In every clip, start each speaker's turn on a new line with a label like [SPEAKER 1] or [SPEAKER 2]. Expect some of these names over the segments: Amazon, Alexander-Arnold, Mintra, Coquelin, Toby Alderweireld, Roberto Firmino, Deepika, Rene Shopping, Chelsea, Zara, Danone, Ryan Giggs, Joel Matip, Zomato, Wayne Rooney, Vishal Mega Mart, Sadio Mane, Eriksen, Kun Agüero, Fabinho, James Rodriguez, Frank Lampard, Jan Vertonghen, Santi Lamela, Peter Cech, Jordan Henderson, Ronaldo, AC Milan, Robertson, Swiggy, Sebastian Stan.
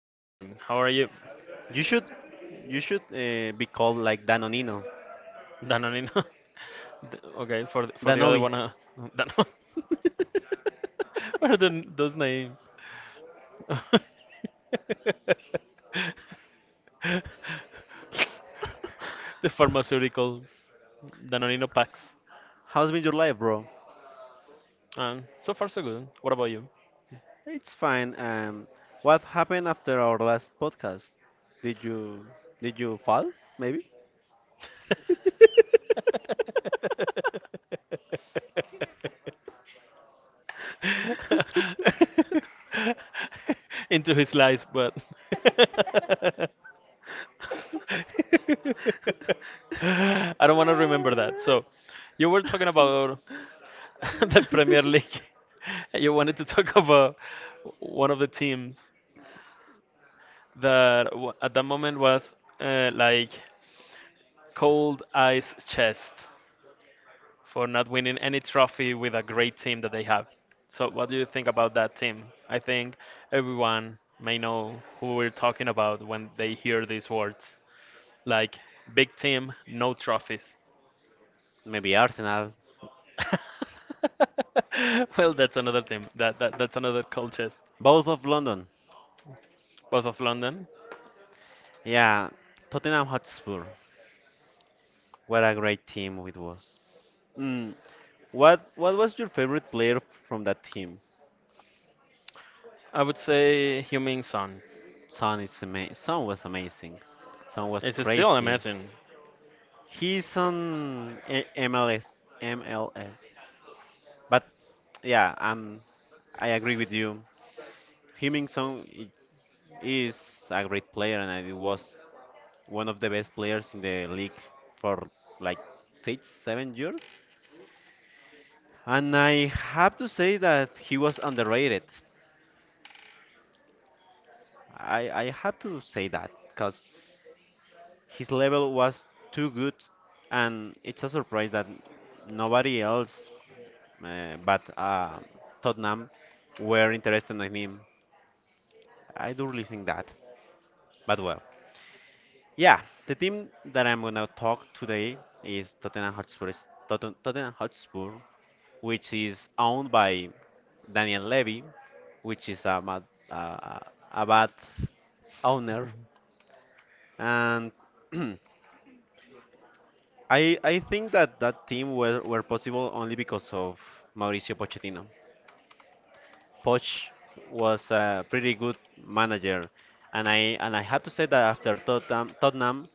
[SPEAKER 1] Hi, hi. How are you,
[SPEAKER 2] You should be called like Danonino,
[SPEAKER 1] Danonino? D- okay, for for the other one,
[SPEAKER 2] Danovis.
[SPEAKER 1] Danone. What are those names? the pharmaceutical Danonino packs.
[SPEAKER 2] How's been your life, bro?
[SPEAKER 1] So far, so good. What about you?
[SPEAKER 2] It's fine. What happened after our last podcast? Did you did you fall? Maybe.
[SPEAKER 1] Into his lies, but I don't want to remember that. So, you were talking about the Premier League. You wanted to talk about one of the teams that at that moment was like cold ice chest for not winning any trophy with a great team that they have. So, what do you think about that team? I think everyone may know who we're talking about when they hear these words like big team, no trophies.
[SPEAKER 2] Maybe Arsenal.
[SPEAKER 1] Well, that's another team. That's another cold chest.
[SPEAKER 2] Both of London.
[SPEAKER 1] Both of London.
[SPEAKER 2] Yeah, Tottenham Hotspur. What a great team it was. Mm. What was your favorite player from that team?
[SPEAKER 1] I would say Humming Sun.
[SPEAKER 2] Son was amazing. Son was
[SPEAKER 1] It's still
[SPEAKER 2] crazy.
[SPEAKER 1] amazing.
[SPEAKER 2] He's on MLS. MLS. But yeah, I agree with you. Heung-min Song is a great player, and I was one of the best players in the league for like six, 7 years. And I have to say that he was underrated. I have to say that because his level was too good, and it's a surprise that nobody else but Tottenham were interested in him. I do really think that. But well. Yeah, the team that I'm gonna talk today is Tottenham Hotspur. Tottenham Hotspur, which is owned by Daniel Levy, which is a bad, uh, a bad owner, and I think that that team were possible only because of Mauricio Pochettino. Poch was a pretty good manager, and I have to say that after Tottenham.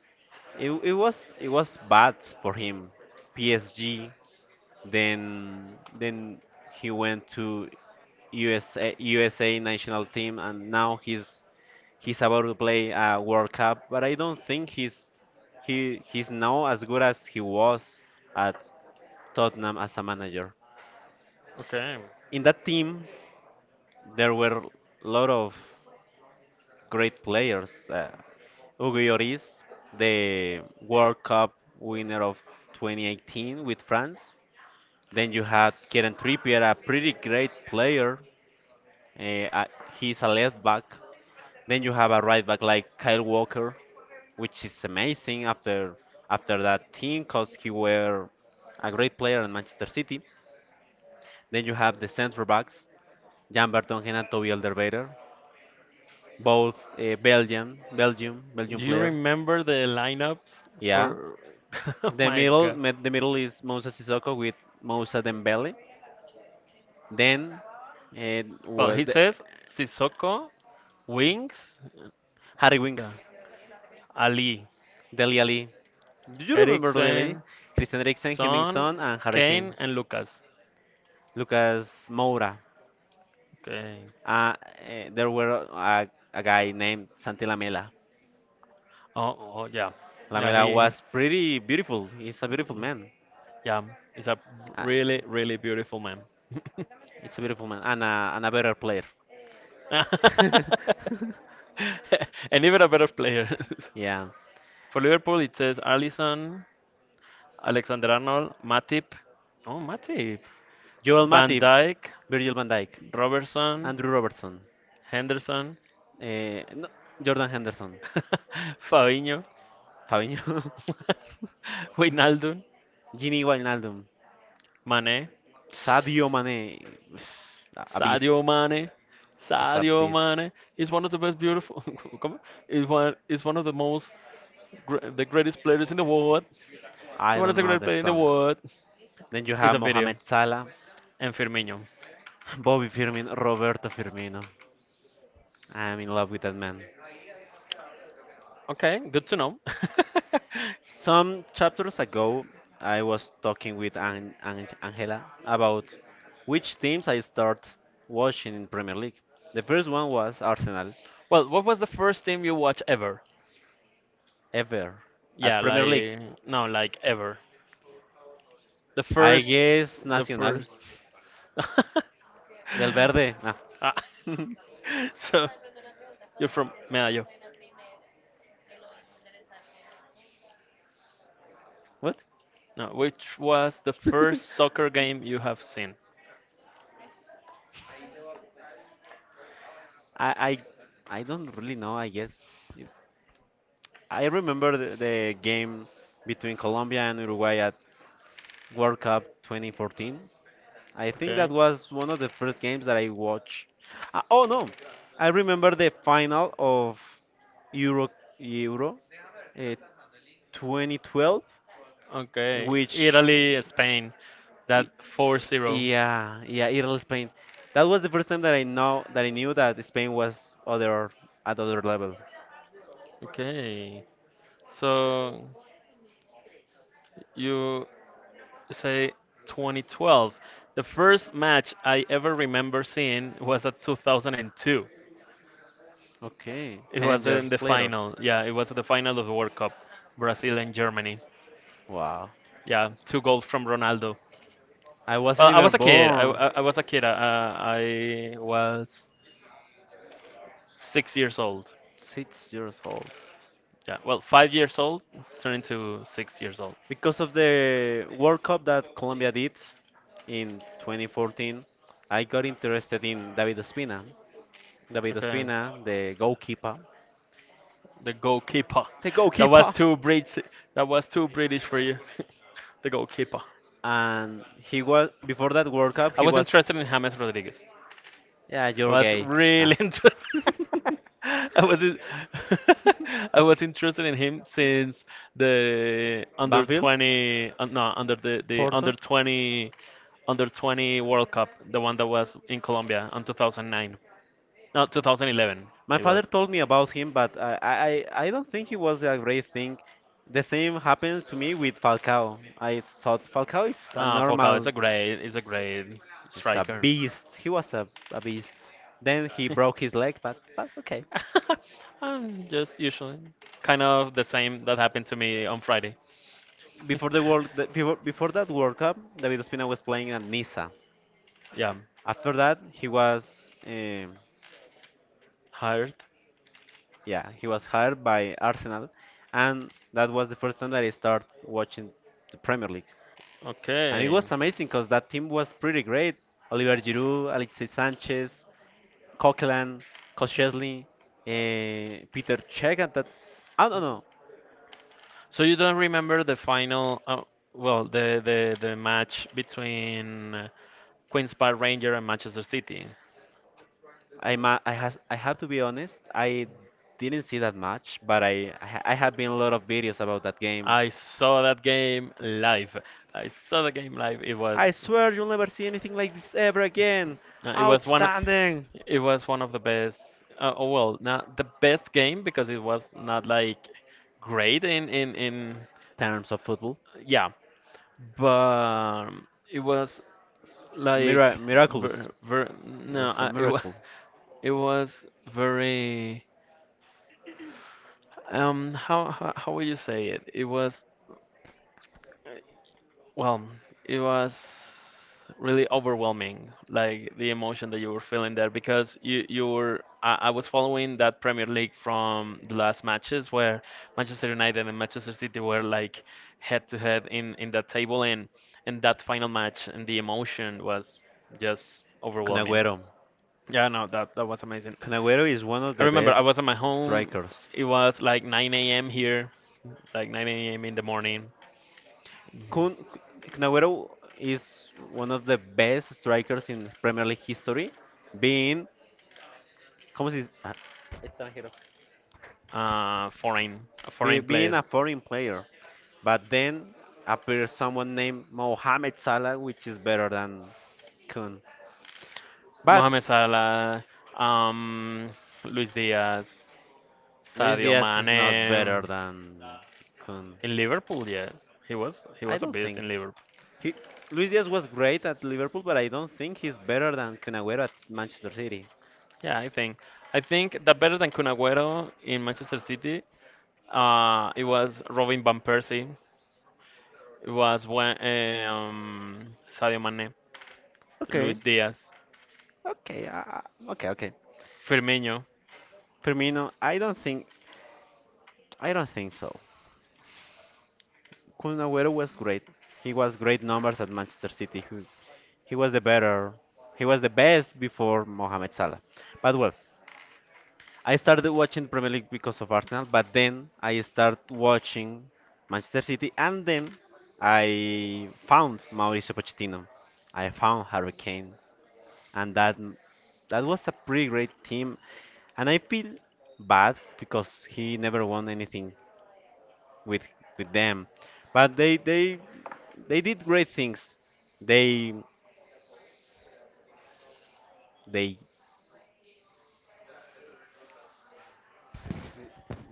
[SPEAKER 2] It was bad for him. PSG. Then he went to USA national team, and now he's about to play a World Cup. But I don't think he's now as good as he was at Tottenham as a manager.
[SPEAKER 1] Okay.
[SPEAKER 2] In that team, there were a lot of great players. Hugo Lloris, the World Cup winner of 2018 with France. Then you had Kieran Trippier, a pretty great player. Eh, uh, he's a left back. Then you have a right back like Kyle Walker, which is amazing after that team, cause he were a great player in Manchester City. Then you have the centre backs, Jan Vertonghen and Toby Alderweireld, both Belgium
[SPEAKER 1] Do you
[SPEAKER 2] players.
[SPEAKER 1] remember the lineups
[SPEAKER 2] Yeah.
[SPEAKER 1] for? Oh
[SPEAKER 2] The
[SPEAKER 1] my
[SPEAKER 2] middle,
[SPEAKER 1] God.
[SPEAKER 2] mid- the middle is Moussa Sissoko with Moussa Dembele. Then, uh,
[SPEAKER 1] Well,
[SPEAKER 2] were
[SPEAKER 1] he
[SPEAKER 2] the,
[SPEAKER 1] says Sissoko, Wings,
[SPEAKER 2] Harry
[SPEAKER 1] yeah,
[SPEAKER 2] Winks,
[SPEAKER 1] Ali,
[SPEAKER 2] Deli Ali. Do you remember the lady?
[SPEAKER 1] Eriksen,
[SPEAKER 2] Christian Eriksen,
[SPEAKER 1] Son,
[SPEAKER 2] Hemmingson, and
[SPEAKER 1] Kane,
[SPEAKER 2] Hurricane
[SPEAKER 1] and Lucas.
[SPEAKER 2] Lucas Moura.
[SPEAKER 1] Okay.
[SPEAKER 2] There were a guy named Santi Lamela.
[SPEAKER 1] Oh, oh yeah, yeah.
[SPEAKER 2] Lamela was pretty beautiful. He's a beautiful man.
[SPEAKER 1] Yeah. He's a
[SPEAKER 2] Uh,
[SPEAKER 1] really, really beautiful man,
[SPEAKER 2] it's a beautiful man and a, better player.
[SPEAKER 1] and even a better player.
[SPEAKER 2] yeah.
[SPEAKER 1] For Liverpool, it says Allison, Alexander-Arnold, Matip, oh Matip,
[SPEAKER 2] Joel
[SPEAKER 1] Van
[SPEAKER 2] Matip,
[SPEAKER 1] Dijk,
[SPEAKER 2] Virgil van Dijk,
[SPEAKER 1] Robertson,
[SPEAKER 2] Andrew Robertson,
[SPEAKER 1] Henderson,
[SPEAKER 2] no, Jordan Henderson,
[SPEAKER 1] Fabinho,
[SPEAKER 2] Fabinho,
[SPEAKER 1] Wijnaldum,
[SPEAKER 2] Gini Wijnaldum,
[SPEAKER 1] Mané,
[SPEAKER 2] Sadio Mane, a beast.
[SPEAKER 1] Sadio Mane,
[SPEAKER 2] He's a
[SPEAKER 1] Sadio
[SPEAKER 2] beast.
[SPEAKER 1] Mane. He's one of the best beautiful. ¿Cómo? He's one of the most, the greatest players in the world. He's
[SPEAKER 2] I
[SPEAKER 1] one of
[SPEAKER 2] don't
[SPEAKER 1] the
[SPEAKER 2] know
[SPEAKER 1] greatest
[SPEAKER 2] the
[SPEAKER 1] players in the
[SPEAKER 2] song.
[SPEAKER 1] world.
[SPEAKER 2] Then you
[SPEAKER 1] It's
[SPEAKER 2] have
[SPEAKER 1] a video.
[SPEAKER 2] Mohamed Salah,
[SPEAKER 1] And Firmino.
[SPEAKER 2] Bobby Firmino, Roberto Firmino. I am in love with that man.
[SPEAKER 1] Okay, good to know.
[SPEAKER 2] Some chapters ago, I was talking with Angela about which teams I start watching in Premier League. The first one was Arsenal,
[SPEAKER 1] Well, what was the first team you watched ever?
[SPEAKER 2] ever at
[SPEAKER 1] Yeah,
[SPEAKER 2] Premier League.
[SPEAKER 1] like no, like ever. The
[SPEAKER 2] I
[SPEAKER 1] first,
[SPEAKER 2] guess
[SPEAKER 1] the
[SPEAKER 2] Nacional,
[SPEAKER 1] first.
[SPEAKER 2] Del Verde. Ah.
[SPEAKER 1] Ah, so you're from Medallo.
[SPEAKER 2] what?
[SPEAKER 1] No, which was the first soccer game you have seen?
[SPEAKER 2] I, I I don't really know. I guess. I remember the game between Colombia and Uruguay at World Cup 2014. I think that
[SPEAKER 1] Okay.
[SPEAKER 2] was one of the first games that I watched. Oh no, I remember the final of Euro Euro uh, 2012,
[SPEAKER 1] Okay.
[SPEAKER 2] which
[SPEAKER 1] Italy, Spain. That
[SPEAKER 2] y-
[SPEAKER 1] 4-0.
[SPEAKER 2] yeah, yeah, Italy Spain. That was the first time that I know that I knew that Spain was other at other level.
[SPEAKER 1] Okay. So you say 2012. The first match I ever remember seeing was at 2002.
[SPEAKER 2] Okay,
[SPEAKER 1] It
[SPEAKER 2] ten
[SPEAKER 1] was in
[SPEAKER 2] years
[SPEAKER 1] the
[SPEAKER 2] later.
[SPEAKER 1] final. Yeah, it was the final of the World Cup, Brazil and Germany.
[SPEAKER 2] Wow,
[SPEAKER 1] Yeah, two goals from Ronaldo.
[SPEAKER 2] I
[SPEAKER 1] Well,
[SPEAKER 2] wasn't
[SPEAKER 1] I was
[SPEAKER 2] even
[SPEAKER 1] a kid. I,
[SPEAKER 2] born.
[SPEAKER 1] I, I was a kid. I was 6 years old.
[SPEAKER 2] 6 years old.
[SPEAKER 1] Yeah, well, 5 years old, turning to 6 years old.
[SPEAKER 2] Because of the World Cup that Colombia did in 2014, I got interested in David Ospina. David
[SPEAKER 1] Okay,
[SPEAKER 2] Ospina, the goalkeeper.
[SPEAKER 1] the goalkeeper.
[SPEAKER 2] The
[SPEAKER 1] That was
[SPEAKER 2] goalkeeper!
[SPEAKER 1] too British. That was too British for you. The goalkeeper.
[SPEAKER 2] And he was, before that World Cup,
[SPEAKER 1] I
[SPEAKER 2] he
[SPEAKER 1] was
[SPEAKER 2] was,
[SPEAKER 1] interested in James Rodriguez.
[SPEAKER 2] yeah, you're
[SPEAKER 1] Was
[SPEAKER 2] gay. Nah.
[SPEAKER 1] really interested. I was I was interested in him since the under
[SPEAKER 2] Banfield?
[SPEAKER 1] 20 no under the under
[SPEAKER 2] Porto?
[SPEAKER 1] 20 under 20 World Cup, the one that was in Colombia on 2009. No, 2011
[SPEAKER 2] My
[SPEAKER 1] it
[SPEAKER 2] father
[SPEAKER 1] was.
[SPEAKER 2] told me about him, but I don't think he was a great thing. The same happened to me with Falcao. I thought Falcao is a
[SPEAKER 1] Ah, Falcao
[SPEAKER 2] normal,
[SPEAKER 1] is a great
[SPEAKER 2] he's a
[SPEAKER 1] striker.
[SPEAKER 2] beast. He was a beast. Then he broke his leg, but okay.
[SPEAKER 1] I'm just usually kind of the same that happened to me on Friday.
[SPEAKER 2] Before the world, the, before, before that World Cup, David Ospina was playing at Niza.
[SPEAKER 1] Yeah,
[SPEAKER 2] After that,
[SPEAKER 1] hired.
[SPEAKER 2] yeah, he was hired by Arsenal, and that was the first time that I started watching the Premier League. And it
[SPEAKER 1] Okay.
[SPEAKER 2] was amazing because that team was pretty great. Oliver Giroud, Alexis Sanchez, Coquelin, Koscielny, Peter Cech. At that, I don't know.
[SPEAKER 1] So you don't remember the final, well, the match between Queens Park Ranger and Manchester City.
[SPEAKER 2] I have to be honest. I didn't see that much, but I have been a lot of videos about that game.
[SPEAKER 1] I saw that game live. I saw the game live.
[SPEAKER 2] I swear you'll never see anything like this ever again.
[SPEAKER 1] It was one.
[SPEAKER 2] Outstanding.
[SPEAKER 1] It was one of the best. Oh well, not the best game because it was not like great in
[SPEAKER 2] Terms of football.
[SPEAKER 1] yeah, but it was like
[SPEAKER 2] Miraculous.
[SPEAKER 1] ver, ver,
[SPEAKER 2] It
[SPEAKER 1] no,
[SPEAKER 2] was a
[SPEAKER 1] it was
[SPEAKER 2] miracle.
[SPEAKER 1] it was very how would you say it? It was well, it was really overwhelming, like the emotion that you were feeling there, because you were I was following that Premier League from the last matches where Manchester United and Manchester City were like head to head in that table and that final match and the emotion was just
[SPEAKER 2] Kun
[SPEAKER 1] overwhelming.
[SPEAKER 2] Agüero.
[SPEAKER 1] Yeah, no, that that was amazing.
[SPEAKER 2] Canaguero is one of
[SPEAKER 1] I
[SPEAKER 2] the
[SPEAKER 1] remember I
[SPEAKER 2] best
[SPEAKER 1] was at my home.
[SPEAKER 2] strikers.
[SPEAKER 1] It was like 9 a.m. here, like 9 a.m. in the morning.
[SPEAKER 2] Kun, Canaguero is one of the best strikers in Premier League history, being, como se dice?
[SPEAKER 1] Foreign a foreign
[SPEAKER 2] Being
[SPEAKER 1] player.
[SPEAKER 2] a foreign player. But then appears someone named Mohamed Salah, which is better than Kun. But
[SPEAKER 1] Mohamed Salah, um, Luis Diaz,
[SPEAKER 2] Luis
[SPEAKER 1] Sadio
[SPEAKER 2] Diaz is not
[SPEAKER 1] Mane
[SPEAKER 2] better than Kun.
[SPEAKER 1] in Liverpool. Yes, he
[SPEAKER 2] I
[SPEAKER 1] was a
[SPEAKER 2] don't
[SPEAKER 1] beast
[SPEAKER 2] think.
[SPEAKER 1] in Liverpool.
[SPEAKER 2] He, Luis Diaz was great at Liverpool, but I don't think he's better than Kun Agüero at Manchester City.
[SPEAKER 1] Yeah, I think that better than Kun Agüero in Manchester City. It was Robin van Persie. It was when Sadio Mane,
[SPEAKER 2] Okay.
[SPEAKER 1] Luis Diaz,
[SPEAKER 2] Okay, okay, okay.
[SPEAKER 1] Firmino.
[SPEAKER 2] Firmino, I don't think so. Kun Agüero was great. He was great numbers at Manchester City. He was the best before Mohamed Salah. But well, I started watching Premier League because of Arsenal, but then I started watching Manchester City, and then I found Mauricio Pochettino. I found Harry Kane, and that was a pretty great team. And I feel bad because he never won anything with them. But they did great things. They they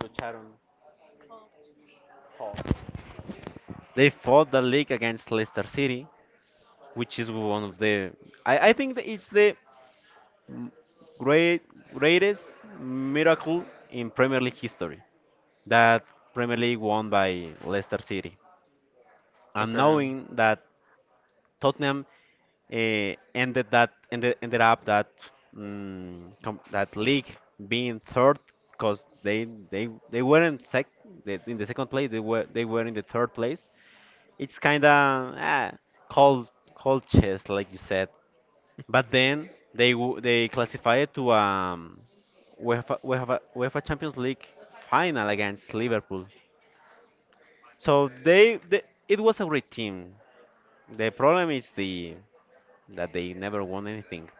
[SPEAKER 2] lucharon, fought. They fought the league against Leicester City, which is one of the I think that it's the great greatest miracle in Premier League history, that Premier League won by Leicester City. And
[SPEAKER 1] Okay.
[SPEAKER 2] knowing that Tottenham uh, ended up that league being third because they were in in the second place, they were in the third place. It's kind of cold chess like you said. But then they classified to UEFA Champions League final against Liverpool. So they it was a great team. The problem is the that they never won anything.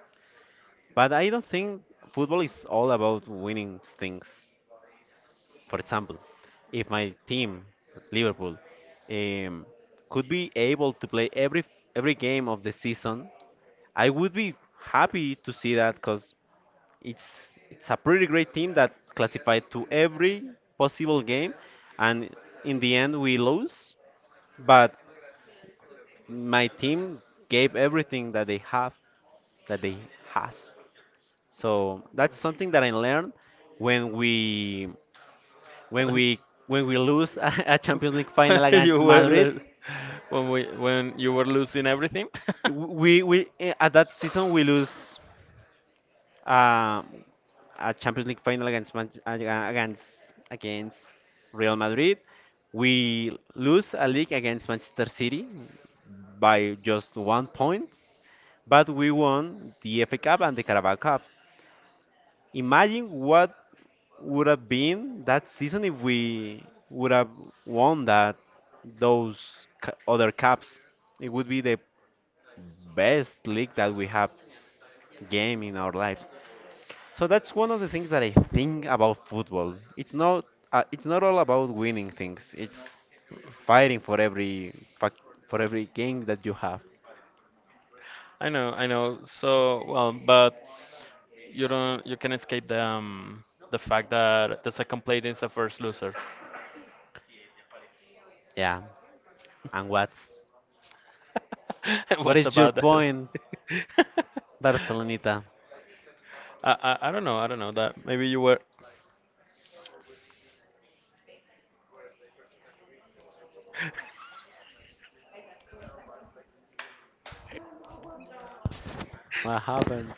[SPEAKER 2] But I don't think football is all about winning things. For example, if my team, Liverpool, um, could be able to play every game of the season, I would be happy to see that because it's a pretty great team that classified to every possible game, and in the end we lose. But my team gave everything that they have, that they has. So that's something that I learned when we when
[SPEAKER 1] When,
[SPEAKER 2] we when we lose Champions League
[SPEAKER 1] when
[SPEAKER 2] final
[SPEAKER 1] you
[SPEAKER 2] against
[SPEAKER 1] were
[SPEAKER 2] Madrid.
[SPEAKER 1] when we when you were losing everything.
[SPEAKER 2] At that season we lose um, a Champions League final against against Real Madrid. We lose a league against Manchester City by just 1 point, but we won the FA Cup and the Carabao Cup. Imagine what would have been that season if we would have won other cups. It would be the best league that we have game in our lives. So that's one of the things that I think about football. It's not all about winning things. It's fighting fac for every game that you have.
[SPEAKER 1] I know, I know. So well, but you don't you can escape the fact that the second plate is the first loser.
[SPEAKER 2] Yeah. And what? What
[SPEAKER 1] What's
[SPEAKER 2] is your
[SPEAKER 1] about that?
[SPEAKER 2] point, Barcelonita?
[SPEAKER 1] I don't know. I don't know that. Maybe you were.
[SPEAKER 2] What happened?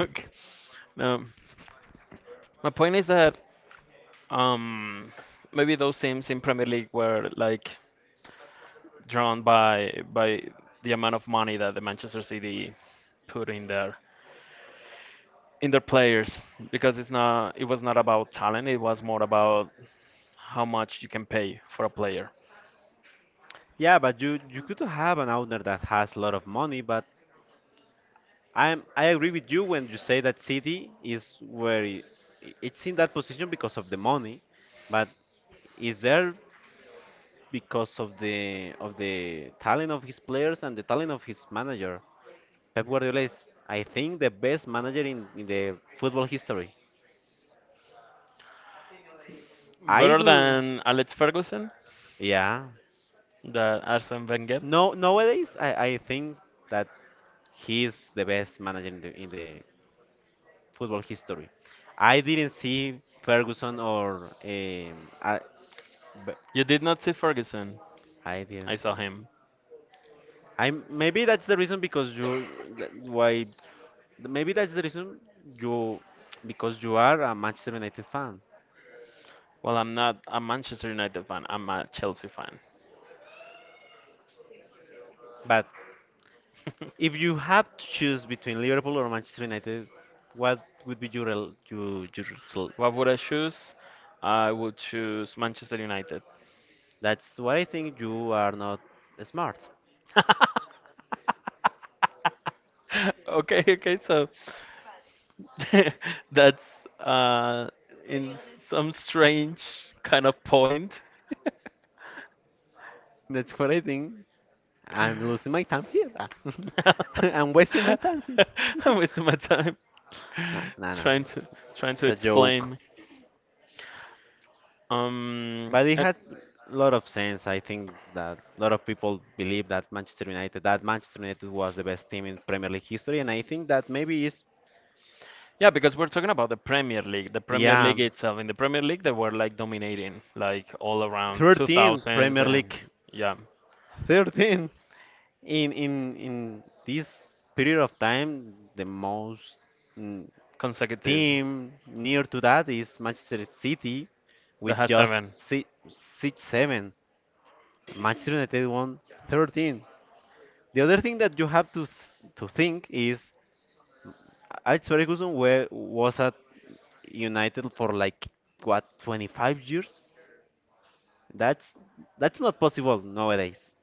[SPEAKER 1] Okay. No, my point is that um maybe those teams in Premier League were like drawn by the amount of money that the Manchester City put in their players because it's not it was not about talent, it was more about how much you can pay for a player
[SPEAKER 2] Yeah, but you could have an owner that has a lot of money, but I agree with you when you say that City is where it's in that position because of the money, but is there because of the talent of his players and the talent of his manager. Pep Guardiola is, I think, the best manager in the football history. I
[SPEAKER 1] better
[SPEAKER 2] do,
[SPEAKER 1] than Alex Ferguson,
[SPEAKER 2] yeah.
[SPEAKER 1] that Arsene Wenger
[SPEAKER 2] No, nowadays I think that he is the best manager in the football history. I didn't see Ferguson. Or
[SPEAKER 1] you did not see Ferguson
[SPEAKER 2] I didn't.
[SPEAKER 1] I saw
[SPEAKER 2] So.
[SPEAKER 1] him
[SPEAKER 2] I, maybe that's the reason because you, why maybe that's the reason you, because you are a Manchester United fan.
[SPEAKER 1] well I'm not a Manchester United fan, I'm a Chelsea fan.
[SPEAKER 2] But if you have to choose between Liverpool or Manchester United, what would be your your result?
[SPEAKER 1] What would I choose? I would choose Manchester United.
[SPEAKER 2] That's what I think. You are not smart.
[SPEAKER 1] Okay, okay, so that's uh, in some strange kind of point.
[SPEAKER 2] That's what I think. I'm losing my time here. I'm wasting my time here.
[SPEAKER 1] I'm wasting my time
[SPEAKER 2] No, no, no.
[SPEAKER 1] trying to
[SPEAKER 2] It's,
[SPEAKER 1] trying to
[SPEAKER 2] it's a joke.
[SPEAKER 1] explain. Um,
[SPEAKER 2] But it
[SPEAKER 1] and-
[SPEAKER 2] has a lot of sense. I think that a lot of people believe that Manchester United was the best team in Premier League history, and I think that maybe is
[SPEAKER 1] yeah, because we're talking about the Premier
[SPEAKER 2] yeah,
[SPEAKER 1] League itself. In the Premier League, they were like dominating, like all around
[SPEAKER 2] 13
[SPEAKER 1] 2000s
[SPEAKER 2] Premier
[SPEAKER 1] and
[SPEAKER 2] League,
[SPEAKER 1] yeah.
[SPEAKER 2] 13 in this period of time, the most mm,
[SPEAKER 1] Consecutive
[SPEAKER 2] team near to that is Manchester City
[SPEAKER 1] that
[SPEAKER 2] with
[SPEAKER 1] has
[SPEAKER 2] just
[SPEAKER 1] seven.
[SPEAKER 2] six seven. Manchester United won 13. The other thing that you have to to think is Alex Ferguson was at United for like what 25 years? That's that's not possible nowadays.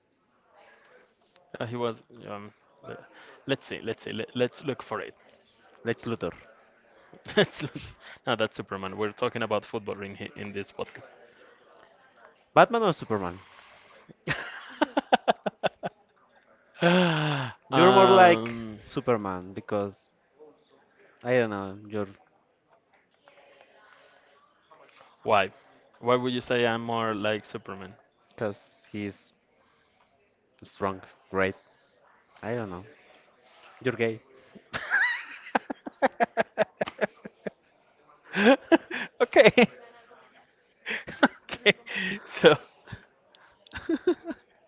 [SPEAKER 1] He was. Um, le- let's see. Let's see. Let's look for it.
[SPEAKER 2] Let's Luthor.
[SPEAKER 1] Let's look. No, that's Superman. We're talking about football in this podcast.
[SPEAKER 2] Batman or Superman? You're more like
[SPEAKER 1] um,
[SPEAKER 2] Superman because I don't know. You're
[SPEAKER 1] why? Why would you say I'm more like Superman?
[SPEAKER 2] because he's strong, great. I don't know. You're gay.
[SPEAKER 1] Okay. Okay. So.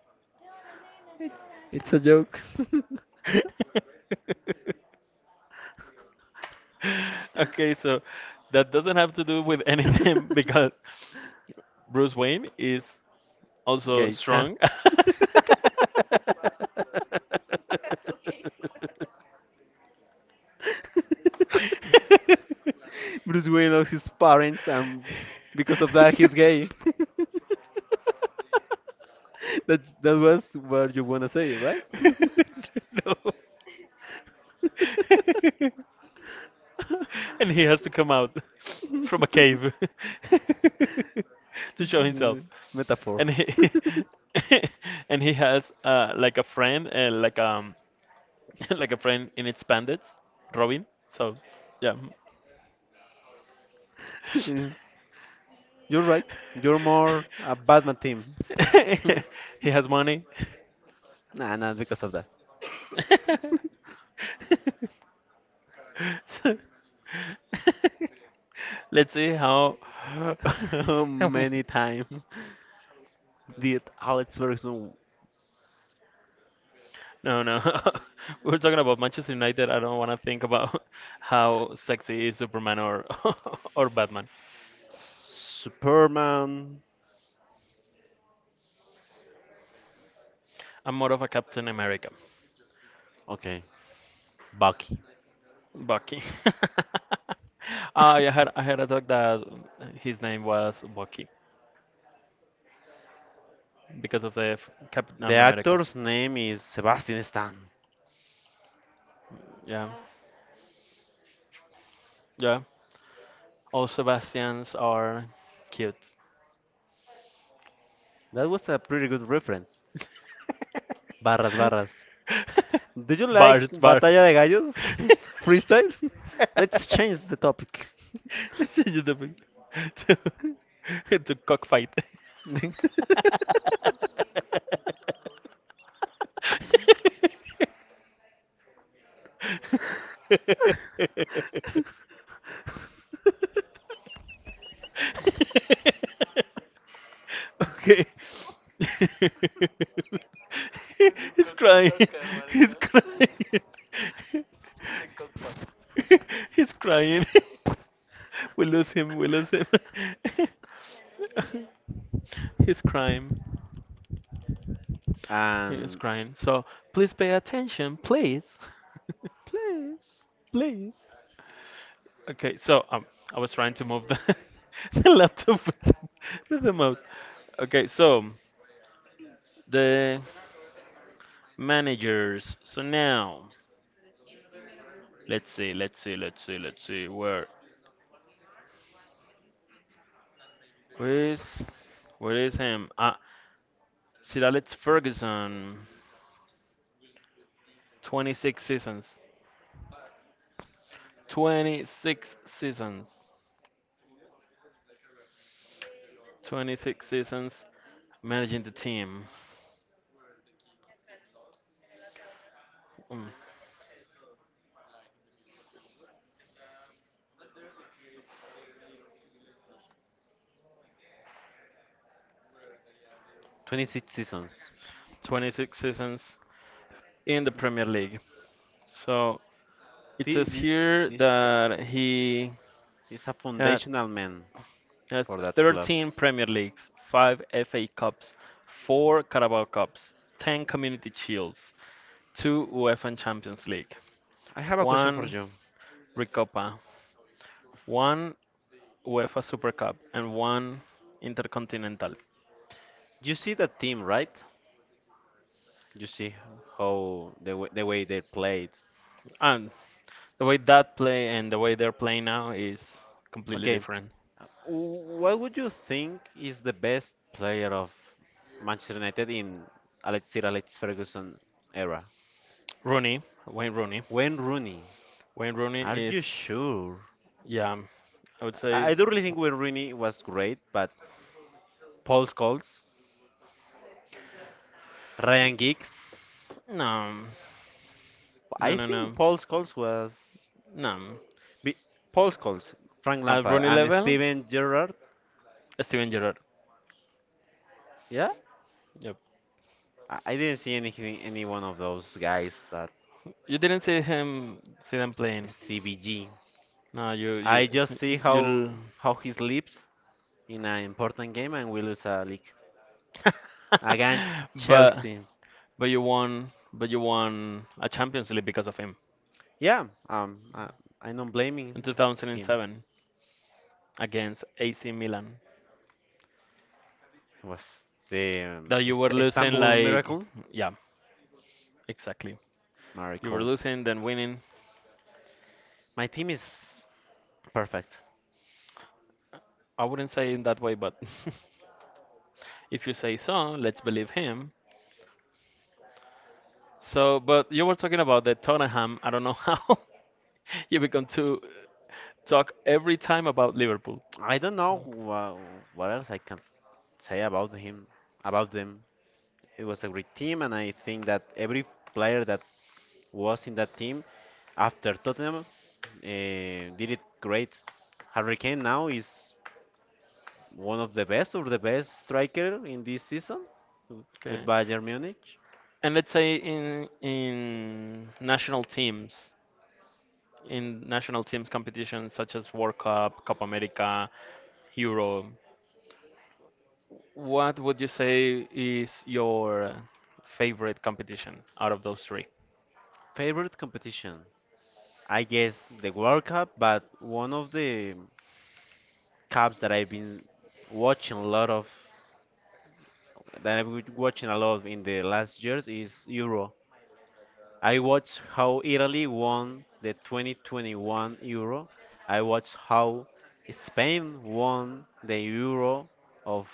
[SPEAKER 2] It's a joke.
[SPEAKER 1] Okay, so that doesn't have to do with anything because Bruce Wayne is also
[SPEAKER 2] gay, huh?
[SPEAKER 1] strong.
[SPEAKER 2] Bruce Wayne loves his parents, and because of that, he's gay. That was what you wanna say, right?
[SPEAKER 1] No. And he has to come out from a cave to show himself.
[SPEAKER 2] Mm, metaphor.
[SPEAKER 1] And he and he has like a friend, like like a friend in its bandits, Robin. So, yeah.
[SPEAKER 2] Mm, you're right. You're more a Batman team. Hmm.
[SPEAKER 1] He has money.
[SPEAKER 2] Nah, not because of that.
[SPEAKER 1] So- Let's see how
[SPEAKER 2] How
[SPEAKER 1] how
[SPEAKER 2] many times did Alex Ferguson
[SPEAKER 1] no, no. We were talking about Manchester United. I don't want to think about how sexy is Superman or or Batman.
[SPEAKER 2] Superman.
[SPEAKER 1] I'm more of a Captain America,
[SPEAKER 2] Okay, Bucky.
[SPEAKER 1] Bucky. Ah, I had a dog that his name was Bucky because of the Captain
[SPEAKER 2] The
[SPEAKER 1] America.
[SPEAKER 2] actor's name is Sebastian Stan.
[SPEAKER 1] Yeah, yeah. All Sebastians are cute.
[SPEAKER 2] That was a pretty good reference. Barras, barras. Do you like
[SPEAKER 1] Bart, Bart.
[SPEAKER 2] Batalla de Gallos? Freestyle? Let's change the topic.
[SPEAKER 1] Let's change the topic to cockfight.
[SPEAKER 2] Next.
[SPEAKER 1] Okay. He's crying. He's crying. He's crying. We lose him. We lose him. He's crying. He's
[SPEAKER 2] And
[SPEAKER 1] crying. So please pay attention, please.
[SPEAKER 2] please.
[SPEAKER 1] Please. Okay, so I was trying to move the, the laptop with the mouse. Okay, so the managers. So now, let's see. Where is, where is him? Ah, Sir Alex Ferguson. 26 seasons. 26 seasons. 26 seasons managing the team. Mm,
[SPEAKER 2] 26 seasons.
[SPEAKER 1] 26 seasons in the Premier League. So it
[SPEAKER 2] The,
[SPEAKER 1] says
[SPEAKER 2] the,
[SPEAKER 1] here
[SPEAKER 2] this
[SPEAKER 1] that he
[SPEAKER 2] is a
[SPEAKER 1] had
[SPEAKER 2] foundational man
[SPEAKER 1] has
[SPEAKER 2] for that club.
[SPEAKER 1] 13 Premier Leagues, 5 FA Cups, 4 Carabao Cups, 10 Community Shields, 2 UEFA and Champions League,
[SPEAKER 2] I have a question for
[SPEAKER 1] 1
[SPEAKER 2] you.
[SPEAKER 1] Recopa, 1 UEFA Super Cup, and 1 Intercontinental.
[SPEAKER 2] You see that team, right? You see how the way they played.
[SPEAKER 1] And the way that play and the way they're playing now is completely
[SPEAKER 2] Okay,
[SPEAKER 1] different.
[SPEAKER 2] what would you think is the best player of Manchester United in Alex Sir Alex Ferguson era?
[SPEAKER 1] Rooney, Wayne Rooney.
[SPEAKER 2] Wayne Rooney.
[SPEAKER 1] Wayne Rooney
[SPEAKER 2] Are you
[SPEAKER 1] is,
[SPEAKER 2] sure?
[SPEAKER 1] yeah, I would
[SPEAKER 2] I
[SPEAKER 1] say
[SPEAKER 2] do really think Wayne Rooney was great, but Paul Scholes, Ryan Giggs.
[SPEAKER 1] No, no,
[SPEAKER 2] I
[SPEAKER 1] no,
[SPEAKER 2] think
[SPEAKER 1] no,
[SPEAKER 2] Paul Scholes was.
[SPEAKER 1] no.
[SPEAKER 2] Be- Paul Scholes, Frank
[SPEAKER 1] At
[SPEAKER 2] Lampard,
[SPEAKER 1] Rooney
[SPEAKER 2] and
[SPEAKER 1] level,
[SPEAKER 2] Steven Gerrard.
[SPEAKER 1] Steven Gerrard.
[SPEAKER 2] Yeah,
[SPEAKER 1] Yep.
[SPEAKER 2] I didn't see anything, any one of those guys that
[SPEAKER 1] You didn't see him, see them playing.
[SPEAKER 2] Stevie G.
[SPEAKER 1] No, you,
[SPEAKER 2] I
[SPEAKER 1] you,
[SPEAKER 2] just see
[SPEAKER 1] you.
[SPEAKER 2] how he sleeps in an important game and we lose a league against
[SPEAKER 1] But,
[SPEAKER 2] Chelsea.
[SPEAKER 1] but you won a Champions League because of him
[SPEAKER 2] Yeah, I'm not blaming
[SPEAKER 1] in
[SPEAKER 2] him.
[SPEAKER 1] 2007 against AC Milan.
[SPEAKER 2] It was the
[SPEAKER 1] That you were losing,
[SPEAKER 2] Istanbul
[SPEAKER 1] like,
[SPEAKER 2] miracle.
[SPEAKER 1] yeah, exactly. You were
[SPEAKER 2] Miracle.
[SPEAKER 1] losing, then winning.
[SPEAKER 2] My team is perfect.
[SPEAKER 1] I wouldn't say in that way, but if you say so, let's believe him. So, but you were talking about the Tottenham. I don't know how you become to talk every time about Liverpool.
[SPEAKER 2] I don't know what else I can say about him, about them. It was a great team, and I think that every player that was in that team after Tottenham did it great. Harry Kane now is one of the best or the best striker in this season with
[SPEAKER 1] Okay.
[SPEAKER 2] Bayern Munich.
[SPEAKER 1] And let's say in national teams, in national teams competitions such as World Cup, Copa America, Euro, what would you say is your favorite competition out of those three?
[SPEAKER 2] Favorite competition? I guess the World Cup, but one of the cups that I've been watching a lot of, that I've been watching a lot in the last years is Euro. I watched how Italy won the 2021 Euro. I watched how Spain won the Euro of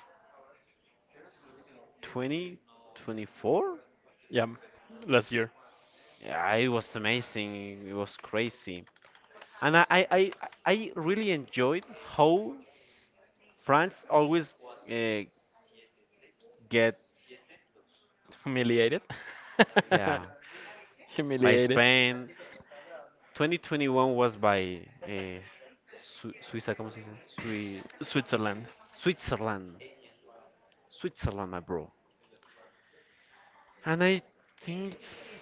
[SPEAKER 2] 2024.
[SPEAKER 1] Yeah, last year.
[SPEAKER 2] Yeah, it was amazing. It was crazy. And I really enjoyed how France always uh, get,
[SPEAKER 1] Humiliated.
[SPEAKER 2] yeah, by
[SPEAKER 1] Humiliated.
[SPEAKER 2] Spain. 2021 was by Suiza, ¿cómo se dice? Sui-
[SPEAKER 1] Switzerland.
[SPEAKER 2] Switzerland. Switzerland, my bro. And I think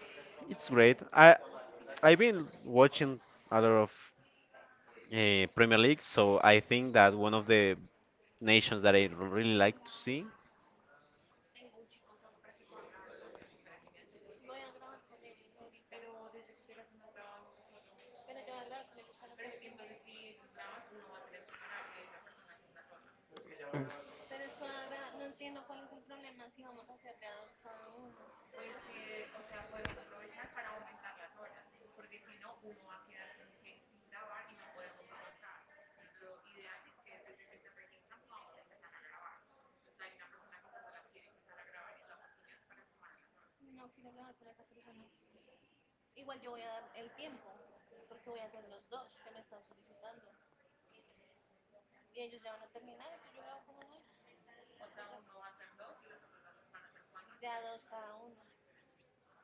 [SPEAKER 2] it's great. I've been watching a lot of Premier League, so I think that one of the nations that I really like to see.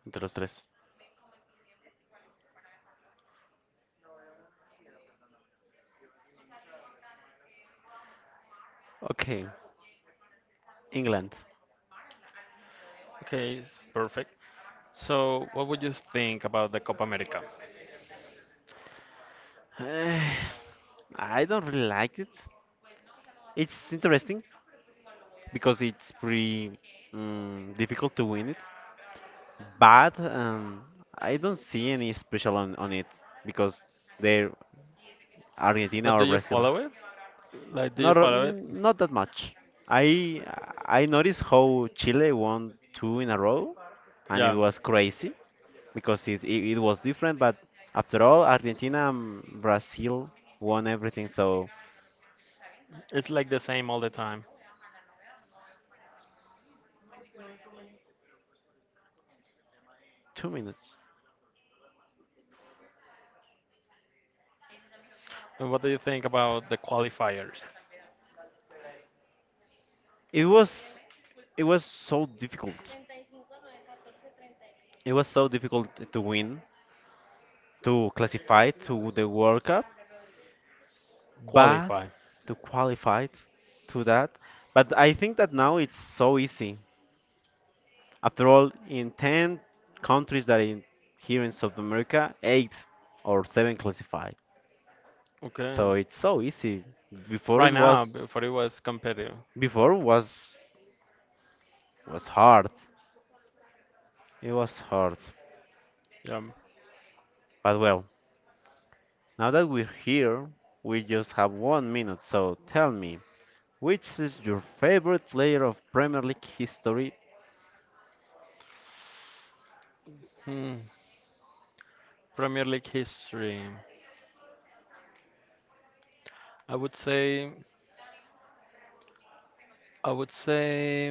[SPEAKER 2] Entre los tres. Okay, England.
[SPEAKER 1] Okay, perfect. So, what would you think about the Copa America?
[SPEAKER 2] Eh, I don't really like it. It's interesting because it's pretty mm, difficult to win it, but I don't see any special on it because they're Argentina
[SPEAKER 1] But do
[SPEAKER 2] or
[SPEAKER 1] you
[SPEAKER 2] Brazil.
[SPEAKER 1] follow it? Like, do you
[SPEAKER 2] Not
[SPEAKER 1] follow it?
[SPEAKER 2] not that much. I I noticed how Chile won two in a row, and it
[SPEAKER 1] Yeah,
[SPEAKER 2] was crazy because it was different. But after all, Argentina and Brazil won everything. So
[SPEAKER 1] it's like the same all the time.
[SPEAKER 2] 2 minutes.
[SPEAKER 1] And what do you think about the qualifiers?
[SPEAKER 2] It was it was so difficult. It was so difficult to win, to classify to the World Cup, but
[SPEAKER 1] Qualify.
[SPEAKER 2] to qualify to that. But I think that now it's so easy. After all, in 10 countries that in here in South America, 8 or 7 classify.
[SPEAKER 1] Okay.
[SPEAKER 2] So it's so easy. Before
[SPEAKER 1] Right
[SPEAKER 2] it
[SPEAKER 1] now,
[SPEAKER 2] was
[SPEAKER 1] before it was competitive.
[SPEAKER 2] before was hard. It was hard.
[SPEAKER 1] Yeah.
[SPEAKER 2] But well, now that we're here, we just have 1 minute. So tell me, which is your favorite player of Premier League history?
[SPEAKER 1] Hmm. Premier League history. I would say, I would say,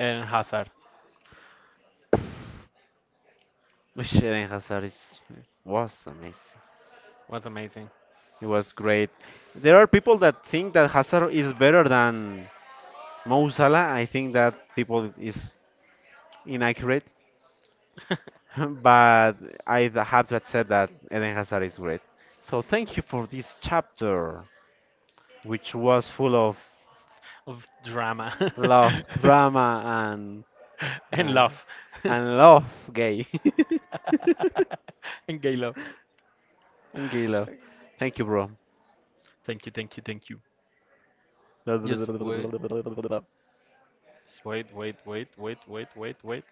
[SPEAKER 1] Eden Hazard.
[SPEAKER 2] Which Eden Hazard is was amazing.
[SPEAKER 1] Was amazing.
[SPEAKER 2] It was great. There are people that think that Hazard is better than Mo Salah, I think that people is inaccurate, but I have to accept that Eden Hazard is great. So thank you for this chapter, which was full of
[SPEAKER 1] Of drama
[SPEAKER 2] love, drama,
[SPEAKER 1] and
[SPEAKER 2] uh,
[SPEAKER 1] love
[SPEAKER 2] and love, gay,
[SPEAKER 1] and gay love.
[SPEAKER 2] and gay love. Thank you, bro.
[SPEAKER 1] Thank you, thank you, thank you. Yes, wait, wait.